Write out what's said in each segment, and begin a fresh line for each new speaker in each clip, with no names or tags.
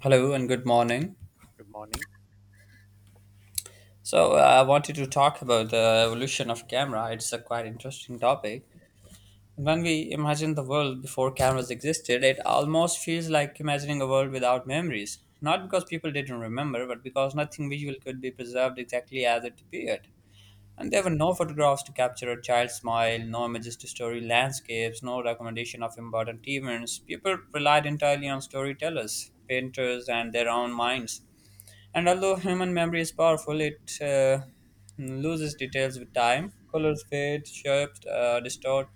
Hello and good morning.
Good morning.
So I wanted to talk about the evolution of camera. It's a quite interesting topic. When we imagine the world before cameras existed, it almost feels like imagining a world without memories. Not because people didn't remember, but because nothing visual could be preserved exactly as it appeared. And there were no photographs to capture a child's smile, no images to story landscapes, no documentation of important events. People relied entirely on storytellers, painters, and their own minds. And although human memory is powerful, it loses details with time. Colors fade, shapes distort,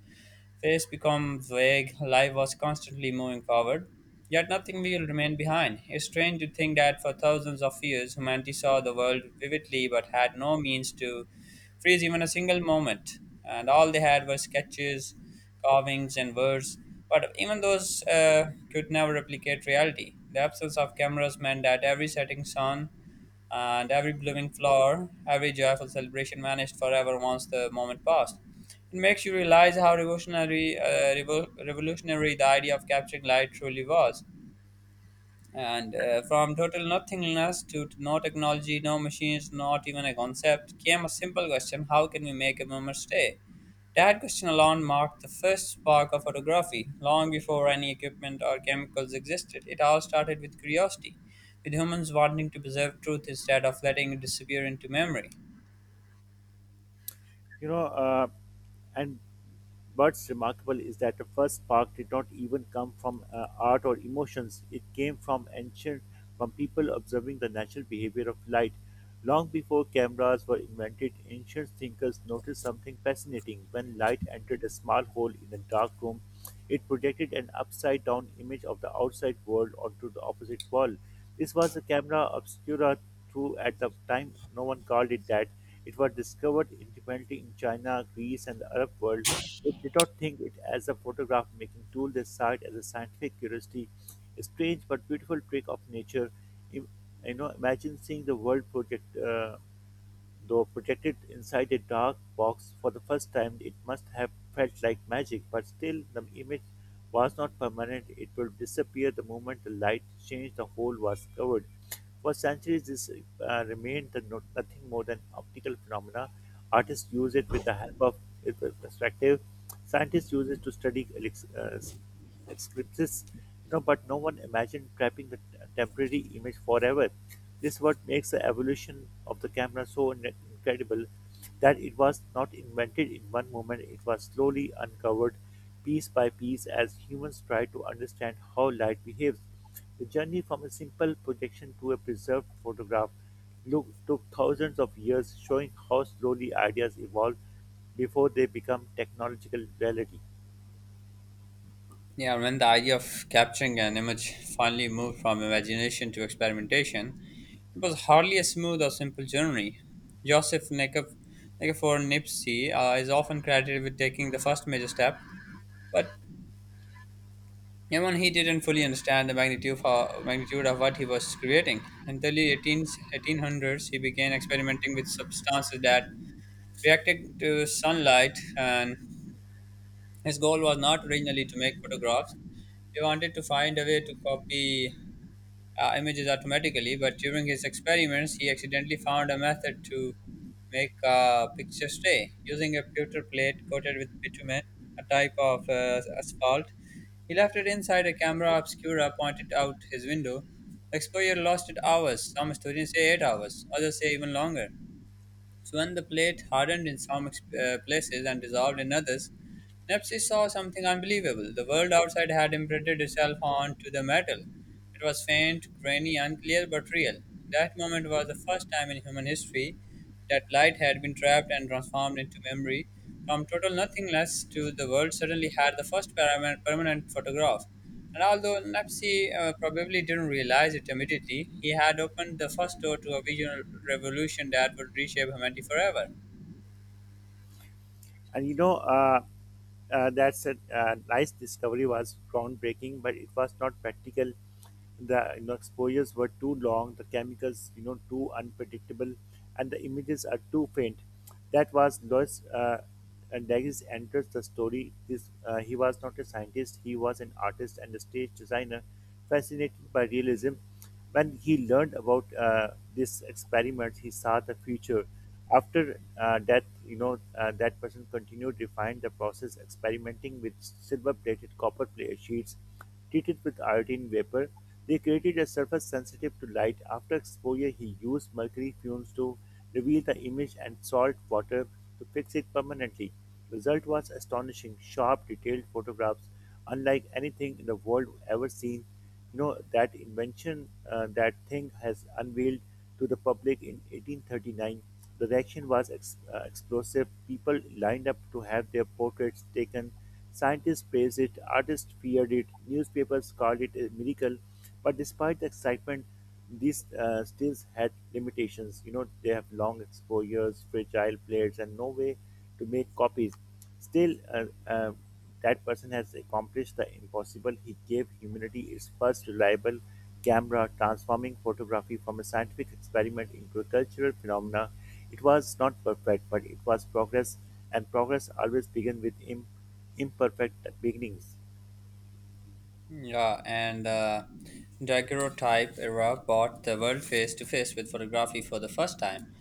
face become vague. Life was constantly moving forward, yet nothing will remain behind. It's strange to think that for thousands of years, humanity saw the world vividly but had no means to freeze even a single moment. And all they had were sketches, carvings, and words. But even those could never replicate reality. The absence of cameras meant that every setting sun and every blooming flower, every joyful celebration vanished forever once the moment passed. It makes you realize how revolutionary the idea of capturing light truly was. And From total nothingness to no technology, no machines, not even a concept, came a simple question: how can we make a moment stay? That question alone marked the first spark of photography. Long before any equipment or chemicals existed, it all started with curiosity, with humans wanting to preserve truth instead of letting it disappear into memory.
You know, and What's remarkable is that the first spark did not even come from art or emotions. It came from people observing the natural behavior of light. Long before cameras were invented, ancient thinkers noticed something fascinating. When light entered a small hole in a dark room, it projected an upside down image of the outside world onto the opposite wall. This was the camera obscura, through at the time no one called it that. It was discovered independently in China, Greece, and the Arab world. They did not think it as a photograph making tool; they saw it as a scientific curiosity, a strange but beautiful trick of nature. Im- Imagine seeing the world projected inside a dark box for the first time. It must have felt like magic, but still the image was not permanent. It will disappear the moment the light changed. The hole was covered. For centuries, this remained the no- nothing more than optical phenomena. Artists use it with the help of perspective. Scientists use it to study eclipses, but no one imagined trapping the temporary image forever. This what makes the evolution of the camera so incredible, that it was not invented in one moment. It was slowly uncovered piece by piece as humans try to understand how light behaves. The journey from a simple projection to a preserved photograph, look, took thousands of years, showing how slowly ideas evolve before they become technological reality.
Yeah, when the idea of capturing an image finally moved from imagination to experimentation, it was hardly a smooth or simple journey. Joseph Nekef, Nikifor Nipsey is often credited with taking the first major step, but even he didn't fully understand the magnitude of what he was creating. Until the 1800s, he began experimenting with substances that reacted to sunlight, and his goal was not originally to make photographs. He wanted to find a way to copy images automatically, but during his experiments, he accidentally found a method to make a picture stay. Using a pewter plate coated with bitumen, a type of asphalt, he left it inside a camera obscura pointed out his window. The exposure lasted hours. Some students say 8 hours, others say even longer. So when the plate hardened in some places and dissolved in others, Nepsi saw something unbelievable. The world outside had imprinted itself onto the metal. It was faint, grainy, unclear, but real. That moment was the first time in human history that light had been trapped and transformed into memory. From total nothingness to the world suddenly had the first permanent photograph. And although Nepsi probably didn't realize it immediately, he had opened the first door to a visionary revolution that would reshape humanity forever.
And that's a nice discovery was groundbreaking, but it was not practical. The exposures were too long, the chemicals too unpredictable, and the images are too faint. That was Lois Dagis enters the story. This he was not a scientist; he was an artist and a stage designer, fascinated by realism. When he learned about this experiment, he saw the future. After death, that person continued to refined the process, experimenting with silver-plated copper plate sheets treated with iodine vapor. They created a surface sensitive to light. After exposure, he used mercury fumes to reveal the image and salt water to fix it permanently. Result was astonishing, sharp, detailed photographs, unlike anything in the world ever seen. That thing has unveiled to the public in 1839. The reaction was explosive. People lined up to have their portraits taken. Scientists praised it, artists feared it, newspapers called it a miracle. But despite the excitement, these stills had limitations. They have long exposures, fragile plates, and no way to make copies. Still, that person has accomplished the impossible. He gave humanity its first reliable camera, transforming photography from a scientific experiment into a cultural phenomena. It was not perfect, but it was progress, and progress always begins with imperfect beginnings.
Yeah, and daguerreotype era brought the world face to face with photography for the first time.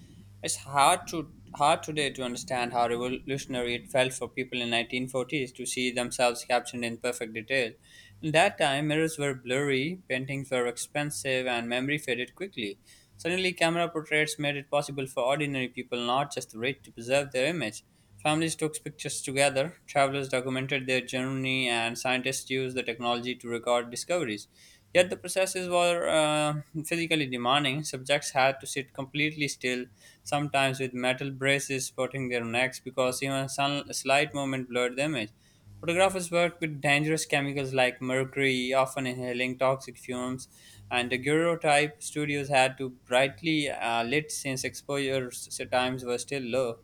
It's hard today to understand how revolutionary it felt for people in 1940s to see themselves captured in perfect detail. In that time, mirrors were blurry, paintings were expensive, and memory faded quickly. Suddenly, camera portraits made it possible for ordinary people, not just the rich, to preserve their image. Families took pictures together, travelers documented their journey, and scientists used the technology to record discoveries. Yet the processes were physically demanding. Subjects had to sit completely still, sometimes with metal braces supporting their necks because even a slight movement blurred the image. Photographers worked with dangerous chemicals like mercury, often inhaling toxic fumes, and daguerreotype studios had to brightly lit since exposure times were still low.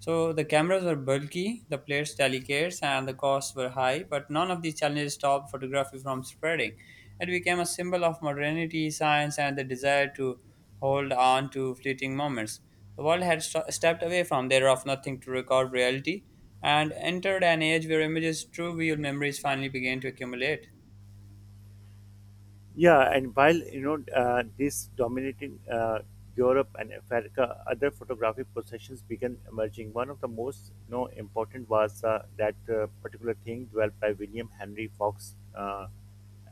So the cameras were bulky, the plates delicate, and the costs were high, but none of these challenges stopped photography from spreading. It became a symbol of modernity, science, and the desire to hold on to fleeting moments. The world had stepped away from there of nothing to record reality and entered an age where images, true real memories finally began to accumulate.
Yeah, and while this dominating Europe and Africa, other photographic possessions began emerging. One of the most important was that particular thing developed by William Henry Fox,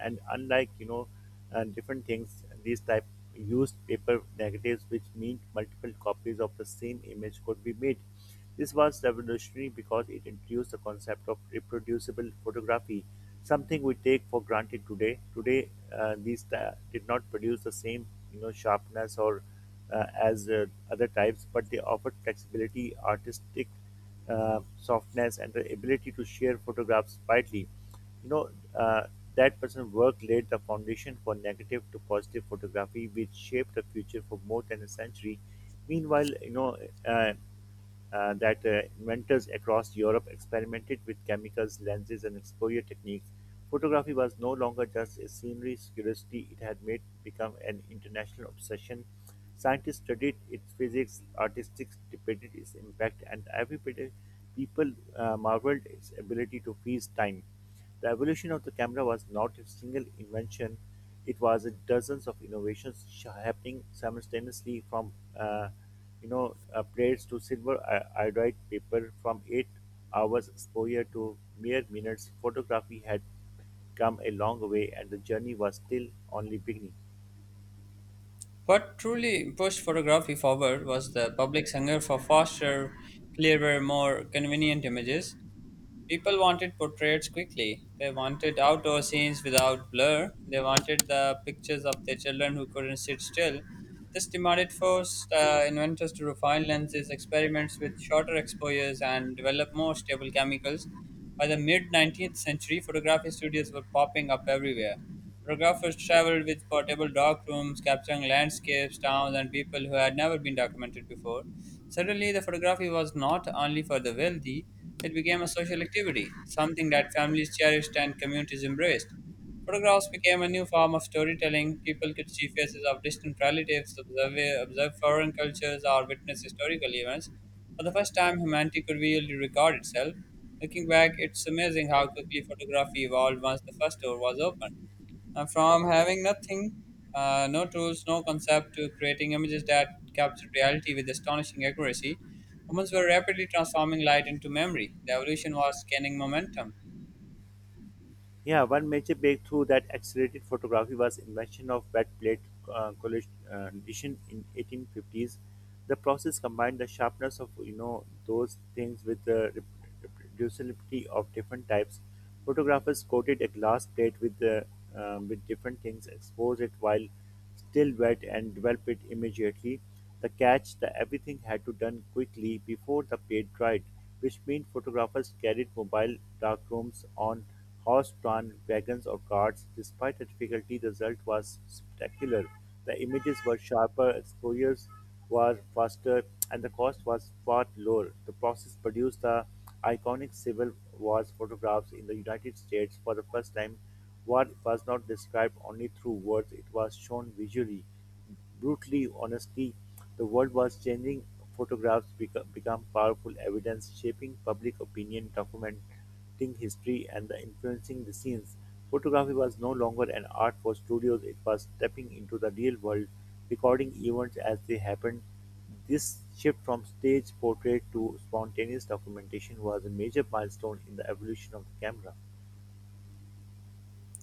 and unlike, and different things. These type used paper negatives, which mean multiple copies of the same image could be made. This was revolutionary because it introduced the concept of reproducible photography, something we take for granted today. Today, these did not produce the same, sharpness or as other types, but they offered flexibility, artistic softness, and the ability to share photographs widely. you know uh, that person's work laid the foundation for negative to positive photography, which shaped the future for more than a century. Meanwhile, uh, that inventors across Europe experimented with chemicals, lenses, and exposure techniques. Photography was no longer just a scenery curiosity; it had made become an international obsession. Scientists studied its physics, artists debated its impact, and every people marveled its ability to freeze time. The evolution of the camera was not a single invention; it was dozens of innovations happening simultaneously, from plates to silver iodide paper, from 8 hours exposure to mere minutes. Photography had come a long way, and the journey was still only beginning.
What truly pushed photography forward was the public's hunger for faster, clearer, more convenient images. People wanted portraits quickly. They wanted outdoor scenes without blur. They wanted the pictures of their children who couldn't sit still. This demanded forced inventors to refine lenses, experiments with shorter exposures, and develop more stable chemicals. By the mid 19th century, photography studios were popping up everywhere. Photographers traveled with portable dark rooms, capturing landscapes, towns, and people who had never been documented before. Suddenly, the photography was not only for the wealthy, it became a social activity, something that families cherished and communities embraced. Photographs became a new form of storytelling. People could see faces of distant relatives, observe foreign cultures, or witness historical events. For the first time, humanity could really record itself. Looking back, it's amazing how quickly photography evolved once the first door was opened. And from having nothing, no tools, no concept, to creating images that captured reality with astonishing accuracy, humans were rapidly transforming light into memory. The evolution was gaining momentum.
Yeah, one major breakthrough that accelerated photography was invention of wet plate collision in 1850s. The process combined the sharpness of those things with the reproducibility of different types. Photographers coated a glass plate with different things, exposed it while still wet and develop it immediately. The catch that everything had to done quickly before the paint dried, which meant photographers carried mobile darkrooms on horse-drawn wagons or carts. Despite the difficulty, the result was spectacular. The images were sharper, exposures were faster, and the cost was far lower. The process produced the iconic Civil War photographs in the United States. For the first time, war was not described only through words; it was shown visually. Brutally, honestly, the world was changing. Photographs become powerful evidence, shaping public opinion, documenting history, and the influencing the scenes. Photography was no longer an art for studios; it was stepping into the real world, recording events as they happened. This shift from stage portrait to spontaneous documentation was a major milestone in the evolution of the camera.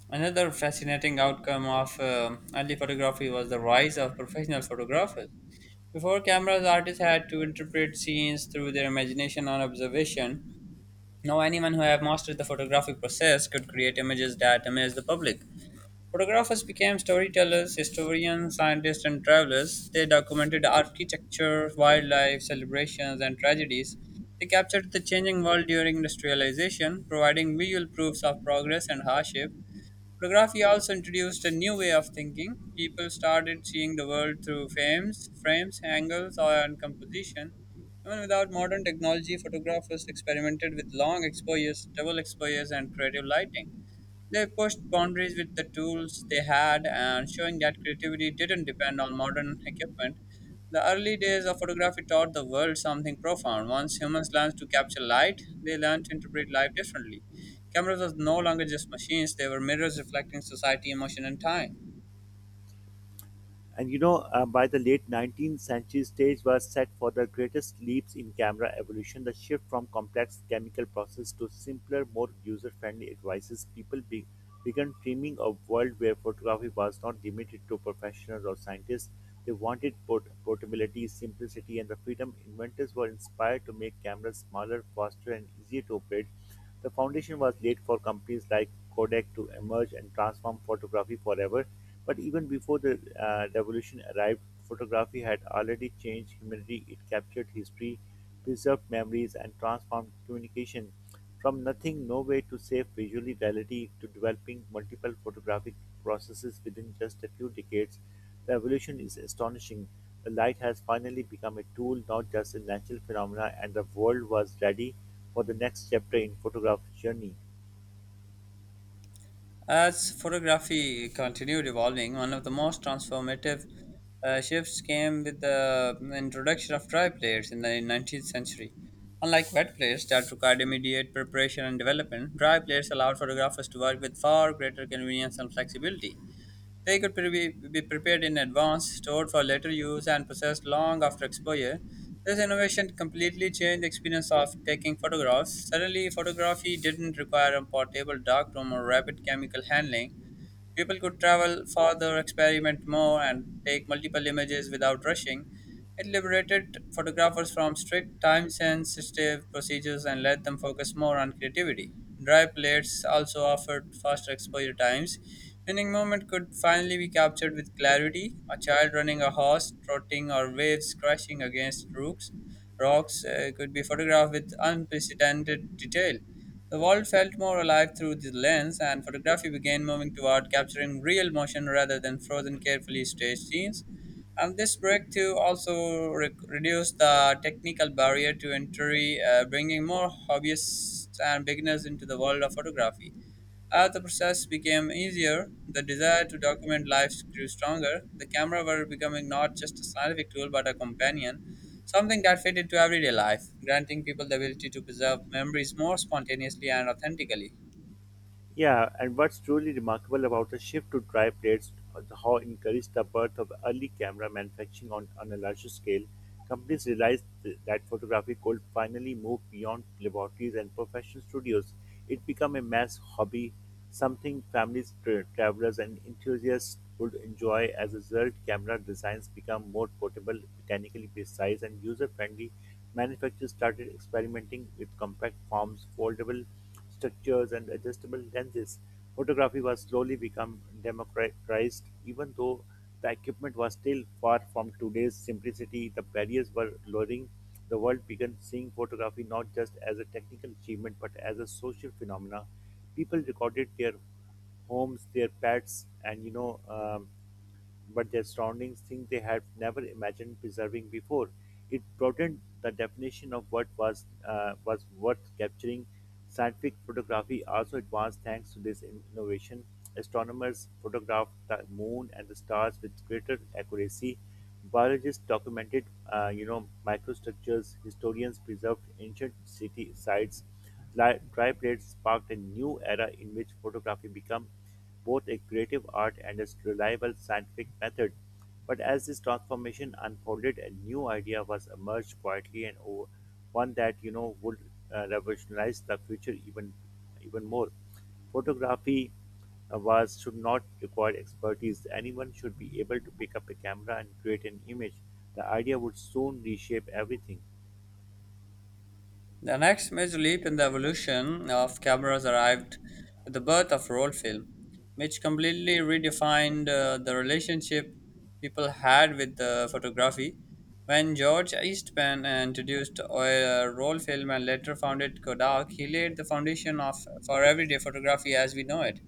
Another fascinating outcome of early photography was the rise of professional photographers. Before cameras, artists had to interpret scenes through their imagination and observation. Now, anyone who had mastered the photographic process could create images that amaze the public. Photographers became storytellers, historians, scientists, and travelers. They documented architecture, wildlife, celebrations, and tragedies. They captured the changing world during industrialization, providing visual proofs of progress and hardship. Photography also introduced a new way of thinking. People started seeing the world through frames, angles, and composition. Even without modern technology, photographers experimented with long exposures, double exposures, and creative lighting. They pushed boundaries with the tools they had and showing that creativity didn't depend on modern equipment. The early days of photography taught the world something profound. Once humans learned to capture light, they learned to interpret life differently. Cameras were no longer just machines, they were mirrors reflecting society, emotion, and time.
And by the late 19th century, stage was set for the greatest leaps in camera evolution. The shift from complex chemical process to simpler, more user-friendly devices. People began dreaming of a world where photography was not limited to professionals or scientists. They wanted portability, simplicity, and the freedom. Inventors were inspired to make cameras smaller, faster, and easier to operate. The foundation was laid for companies like Kodak to emerge and transform photography forever. But even before the revolution arrived, photography had already changed humanity. It captured history, preserved memories, and transformed communication. From nothing, nowhere to safe visually reality, to developing multiple photographic processes within just a few decades, the evolution is astonishing. The light has finally become a tool, not just a natural phenomena, and the world was ready for the next chapter in photograph journey.
As photography continued evolving, one of the most transformative shifts came with the introduction of dry plates in the 19th century. Unlike wet plates that required immediate preparation and development, dry plates allowed photographers to work with far greater convenience and flexibility. They could be prepared in advance, stored for later use, and processed long after exposure. This innovation completely changed the experience of taking photographs. Suddenly, photography didn't require a portable darkroom or rapid chemical handling. People could travel farther, experiment more, and take multiple images without rushing. It liberated photographers from strict time sensitive procedures and let them focus more on creativity. Dry plates also offered faster exposure times, meaning movement could finally be captured with clarity. A child running a horse, trotting, or waves crashing against rocks could be photographed with unprecedented detail. The world felt more alive through the lens, and photography began moving toward capturing real motion rather than frozen, carefully staged scenes. And this breakthrough also reduced the technical barrier to entry, bringing more hobbyists and beginners into the world of photography. As the process became easier, the desire to document life grew stronger. The camera were becoming not just a scientific tool but a companion, something that fit into everyday life, granting people the ability to preserve memories more spontaneously and authentically.
Yeah, and what's truly remarkable about the shift to dry plates is how encouraged the birth of early camera manufacturing, on a larger scale. Companies realized that photography could finally move beyond laboratories and professional studios. It became a mass hobby, something families, travelers, and enthusiasts could enjoy. As a result, camera designs become more portable, mechanically precise, and user-friendly. Manufacturers started experimenting with compact forms, foldable structures and adjustable lenses. Photography was slowly become democratized. Even though the equipment was still far from today's simplicity, the barriers were lowering. The world began seeing photography not just as a technical achievement but as a social phenomena. People recorded their homes, their pets, and but their surroundings, things they had never imagined preserving before. It broadened the definition of what was worth capturing. Scientific photography also advanced thanks to this innovation. Astronomers photographed the moon and the stars with greater accuracy. Biologists documented, microstructures. Historians preserved ancient city sites. Dry plates sparked a new era in which photography became both a creative art and a reliable scientific method. But as this transformation unfolded, a new idea was emerged quietly, and one that would revolutionize the future, even more. Photography was should not require expertise. Anyone should be able to pick up a camera and create an image. The idea would soon reshape everything.
The next major leap in the evolution of cameras arrived with the birth of roll film, which completely redefined the relationship people had with the photography. When George Eastman introduced oil, roll film and later founded Kodak, he laid the foundation of for everyday photography as we know it.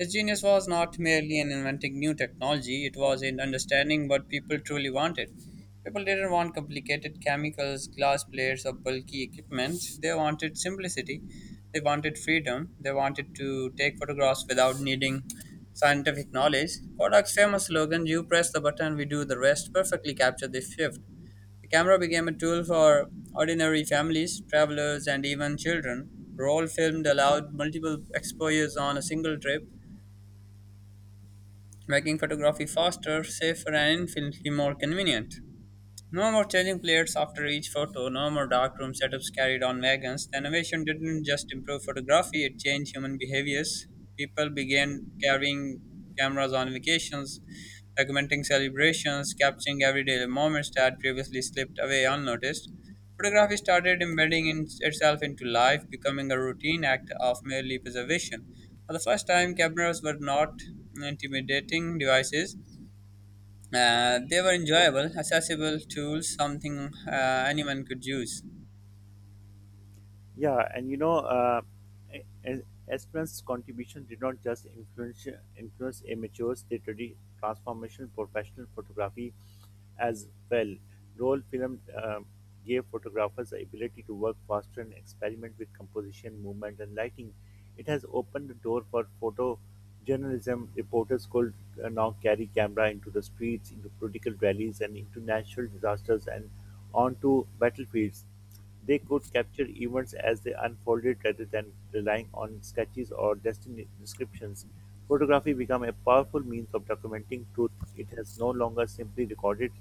His genius was not merely in inventing new technology, it was in understanding what people truly wanted. People didn't want complicated chemicals, glass plates, or bulky equipment. They wanted simplicity, they wanted freedom, they wanted to take photographs without needing scientific knowledge. Kodak's famous slogan, "You press the button, we do the rest," perfectly captured this shift. The camera became a tool for ordinary families, travelers, and even children. Roll filmed allowed multiple exposures on a single trip making photography faster, safer, and infinitely more convenient. No more changing plates after each photo, no more darkroom setups carried on wagons. The innovation didn't just improve photography, it changed human behaviors. People began carrying cameras on vacations, documenting celebrations, capturing everyday moments that had previously slipped away unnoticed. Photography started embedding in itself into life, becoming a routine act of merely preservation. For the first time, cameras were not intimidating devices. They were enjoyable, accessible tools, something anyone could use.
Yeah, and E- E- Esperance's contribution did not just influence amateurs; they transformation professional photography as well. Roll film gave photographers the ability to work faster and experiment with composition, movement, and lighting. It has opened the door for photojournalism. Reporters could now carry camera into the streets, into political rallies, and into natural disasters, and onto battlefields. They could capture events as they unfolded rather than relying on sketches or descriptions. Photography became a powerful means of documenting truth. It has no longer simply recorded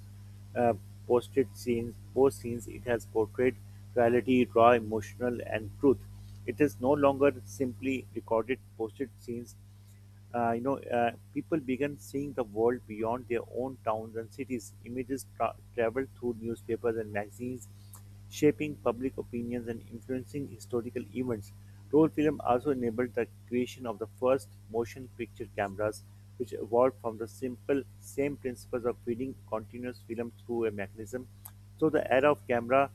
uh, posted scenes, post scenes. It has portrayed reality, raw, emotional, and truth. It is no longer simply recorded posted scenes. People began seeing the world beyond their own towns and cities. Images traveled through newspapers and magazines, shaping public opinions and influencing historical events. Roll film also enabled the creation of the first motion picture cameras, which evolved from the simple same principles of feeding continuous film through a mechanism. So the era of camera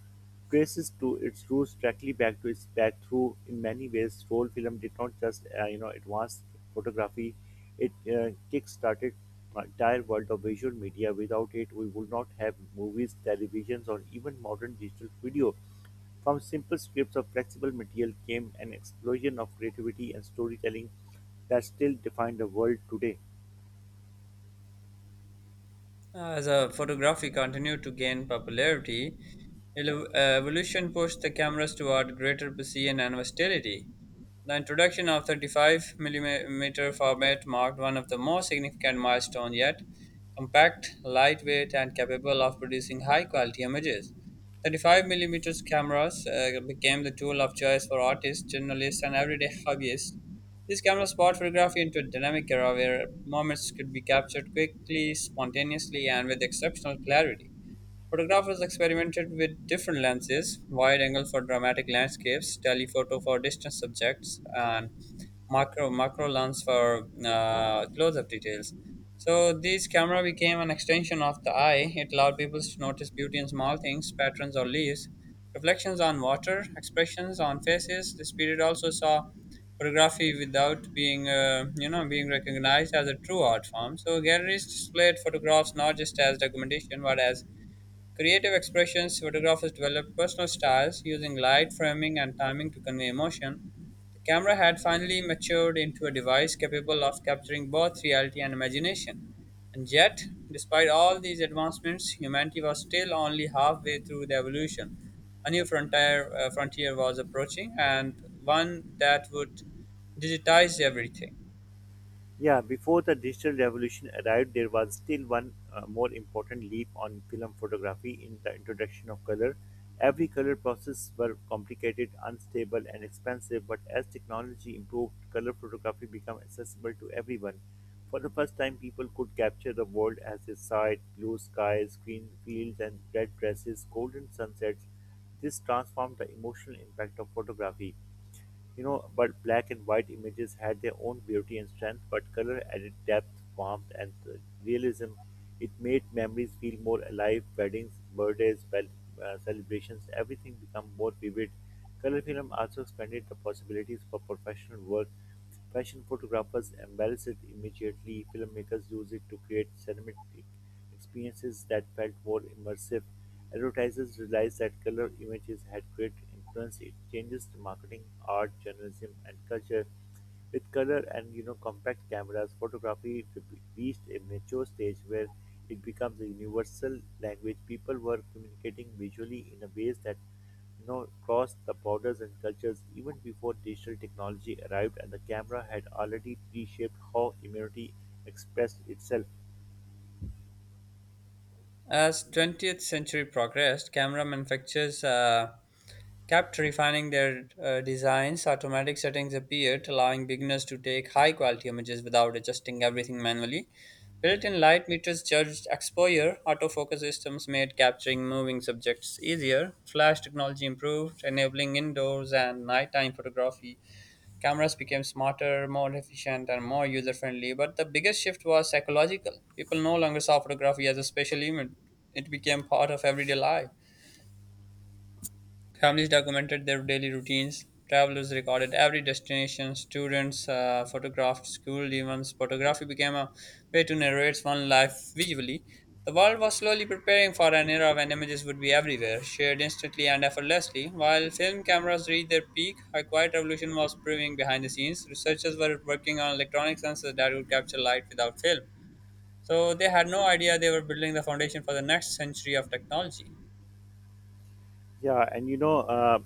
traces to its roots directly back to its back through in many ways roll film did not just advance photography. It kick-started the entire world of visual media. Without it we would not have movies, televisions, or even modern digital video. From simple scripts of flexible material came an explosion of creativity and storytelling that still define the world today.
As photography continued to gain popularity, evolution pushed the cameras toward greater precision and versatility. The introduction of 35 mm millimeter format marked one of the most significant milestones yet. Compact, lightweight, and capable of producing high quality images. 35 mm cameras became the tool of choice for artists, journalists, and everyday hobbyists. These cameras brought photography into a dynamic era where moments could be captured quickly, spontaneously, and with exceptional clarity. Photographers experimented with different lenses, wide angle for dramatic landscapes, telephoto for distant subjects, and macro lens for close up details. So, this camera became an extension of the eye. It allowed people to notice beauty in small things, patterns or leaves, reflections on water, expressions on faces. This period also saw photography without being, you know, being recognized as a true art form. So, galleries displayed photographs not just as documentation, but as creative expressions. Photographers developed personal styles using light, framing, and timing to convey emotion. The camera had finally matured into a device capable of capturing both reality and imagination. And yet, despite all these advancements, humanity was still only halfway through the evolution. A new frontier was approaching, and one that would digitize everything.
Yeah, before the digital revolution arrived, there was still one more important leap on film photography in the introduction of color. Every color process were complicated, unstable, and expensive, but as technology improved, color photography became accessible to everyone. For the first time, people could capture the world as they saw it, blue skies, green fields, and red dresses, golden sunsets. This transformed the emotional impact of photography. You know, but black and white images had their own beauty and strength, but color added depth, warmth, and realism. It made memories feel more alive. Weddings, birthdays, well, celebrations, everything become more vivid. Color film also expanded the possibilities for professional work. Fashion photographers embrace it immediately. Filmmakers use it to create cinematic experiences that felt more immersive. Advertisers realized that color images had great influence. It changes to marketing, art, journalism, and culture. With color and compact cameras, photography reached a mature stage where it becomes a universal language. People were communicating visually in a ways that crossed the borders and cultures even before digital technology arrived, and the camera had already reshaped how humanity expressed itself.
As 20th century progressed, camera manufacturers kept refining their designs. Automatic settings appeared, allowing beginners to take high quality images without adjusting everything manually. Built in light meters judged exposure, autofocus systems made capturing moving subjects easier, flash technology improved, enabling indoors and nighttime photography. Cameras became smarter, more efficient, and more user friendly. But the biggest shift was psychological. People no longer saw photography as a special event, it became part of everyday life. Families documented their daily routines. Travelers recorded every destination. Students photographed school events. Photography became a way to narrate one's life visually. The world was slowly preparing for an era when images would be everywhere, shared instantly and effortlessly. While film cameras reached their peak, a quiet revolution was brewing behind the scenes. Researchers were working on electronic sensors that would capture light without film. So they had no idea they were building the foundation for the next century of technology.
Yeah, and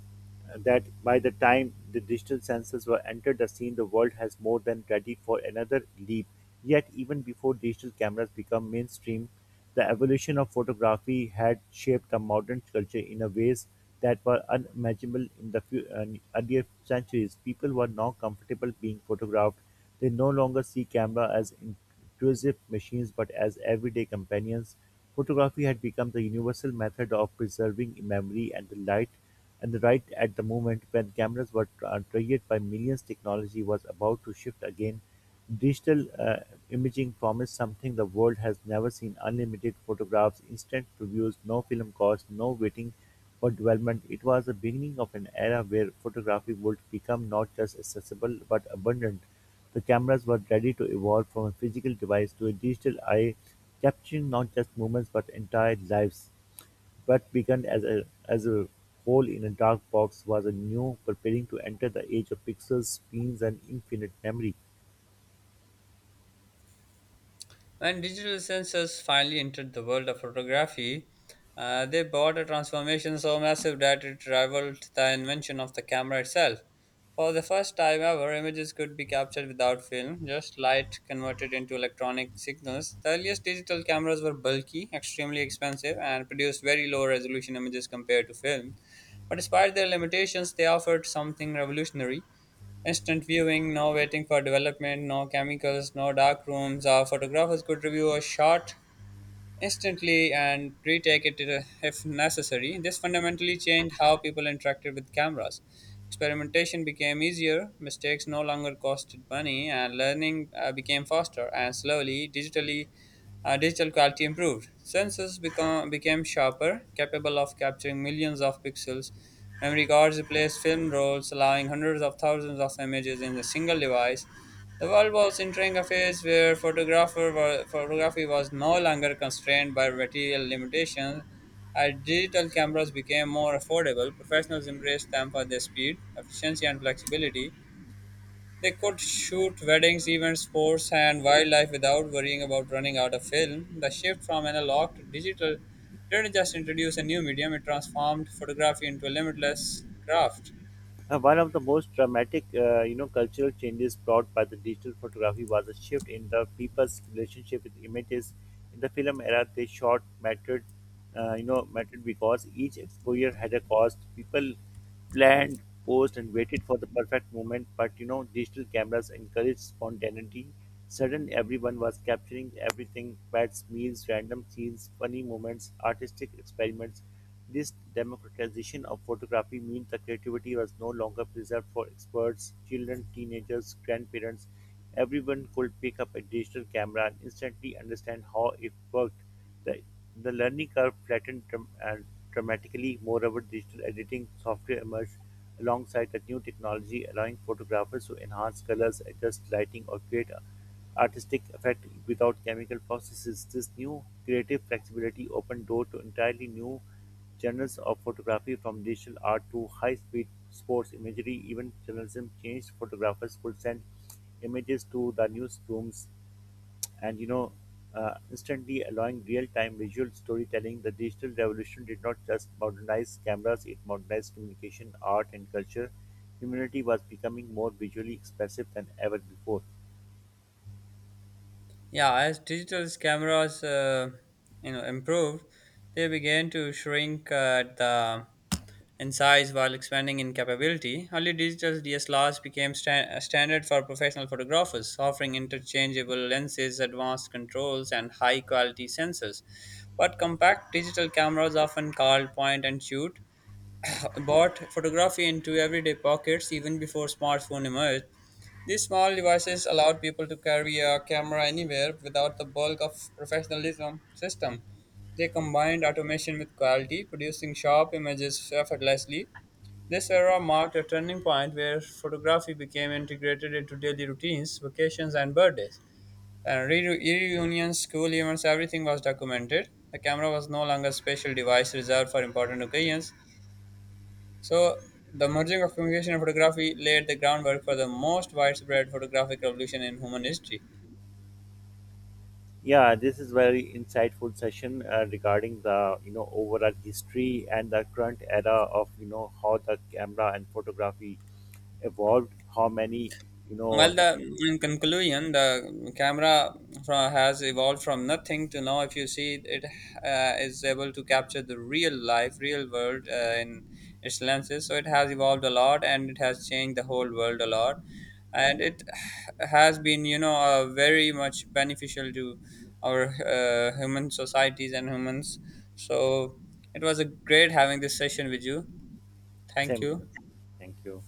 that by the time the digital sensors were entered the scene, the world has more than ready for another leap. Yet, even before digital cameras become mainstream, the evolution of photography had shaped the modern culture in a ways that were unimaginable in the few, earlier centuries. People were now comfortable being photographed. They no longer see camera as intrusive machines, but as everyday companions. Photography had become the universal method of preserving memory and the light, and right at the moment when cameras were traded by millions, technology was about to shift again. Digital imaging promised something the world has never seen: unlimited photographs, instant reviews, no film costs, no waiting for development. It was the beginning of an era where photography would become not just accessible but abundant. The cameras were ready to evolve from a physical device to a digital eye, capturing not just moments but entire lives. What began as a hole in a dark box was a new preparing to enter the age of pixels, spins, and infinite memory.
When digital sensors finally entered the world of photography, they brought a transformation so massive that it rivaled the invention of the camera itself. For the first time ever, images could be captured without film, just light converted into electronic signals. The earliest digital cameras were bulky, extremely expensive, and produced very low resolution images compared to film. But despite their limitations, they offered something revolutionary: instant viewing, no waiting for development, no chemicals, no dark rooms. Our photographers could review a shot instantly and retake it if necessary. This fundamentally changed how people interacted with cameras. Experimentation became easier, mistakes no longer costed money, and learning became faster. And digital quality improved. Sensors became sharper, capable of capturing millions of pixels. Memory cards replaced film rolls, allowing hundreds of thousands of images in a single device. The world was entering a phase where photography was no longer constrained by material limitations. As digital cameras became more affordable, professionals embraced them for their speed, efficiency, and flexibility. They could shoot weddings, events, sports, and wildlife without worrying about running out of film. The shift from analog to digital didn't just introduce a new medium, it transformed photography into a limitless craft.
One of the most dramatic, cultural changes brought by the digital photography was a shift in the people's relationship with images. In the film era, they shot mattered, mattered because each exposure had a cost. People planned, posed, and waited for the perfect moment. But you know, digital cameras encouraged spontaneity. Suddenly, everyone was capturing everything: pets, meals, random scenes, funny moments, artistic experiments. This democratization of photography meant the creativity was no longer preserved for experts, children, teenagers, grandparents. Everyone could pick up a digital camera and instantly understand how it worked. The, the learning curve flattened dram- and dramatically. Moreover, digital editing software emerged alongside the new technology, allowing photographers to enhance colors, adjust lighting, or create a artistic effect without chemical processes. This new creative flexibility opened door to entirely new genres of photography from digital art to high-speed sports imagery. Even journalism changed. Photographers could send images to the newsrooms and you know instantly, allowing real-time visual storytelling. The digital revolution did not just modernize cameras; it modernized communication, art, and culture. Humanity was becoming more visually expressive than ever before.
Yeah, as digital cameras, improved, they began to shrink at the in size while expanding in capability. Early digital DSLRs became a standard for professional photographers, offering interchangeable lenses, advanced controls, and high-quality sensors. But compact digital cameras, often called point and shoot, brought photography into everyday pockets even before smartphone emerged. These small devices allowed people to carry a camera anywhere without the bulk of professionalism system. They combined automation with quality, producing sharp images effortlessly. This era marked a turning point where photography became integrated into daily routines, vacations, and birthdays. And reunions, school events, everything was documented. The camera was no longer a special device reserved for important occasions. So, the merging of communication and photography laid the groundwork for the most widespread photographic revolution in human history.
Yeah, this is very insightful session regarding the overall history and the current era of how the camera and photography evolved. How many you know
Well, the in conclusion, the camera has evolved from nothing to now. If you see, it is able to capture the real life, real world in its lenses. So it has evolved a lot, and it has changed the whole world a lot. And it has been, very much beneficial to our human societies and humans. So it was a great having this session with you. Thank you.
same? Thank you.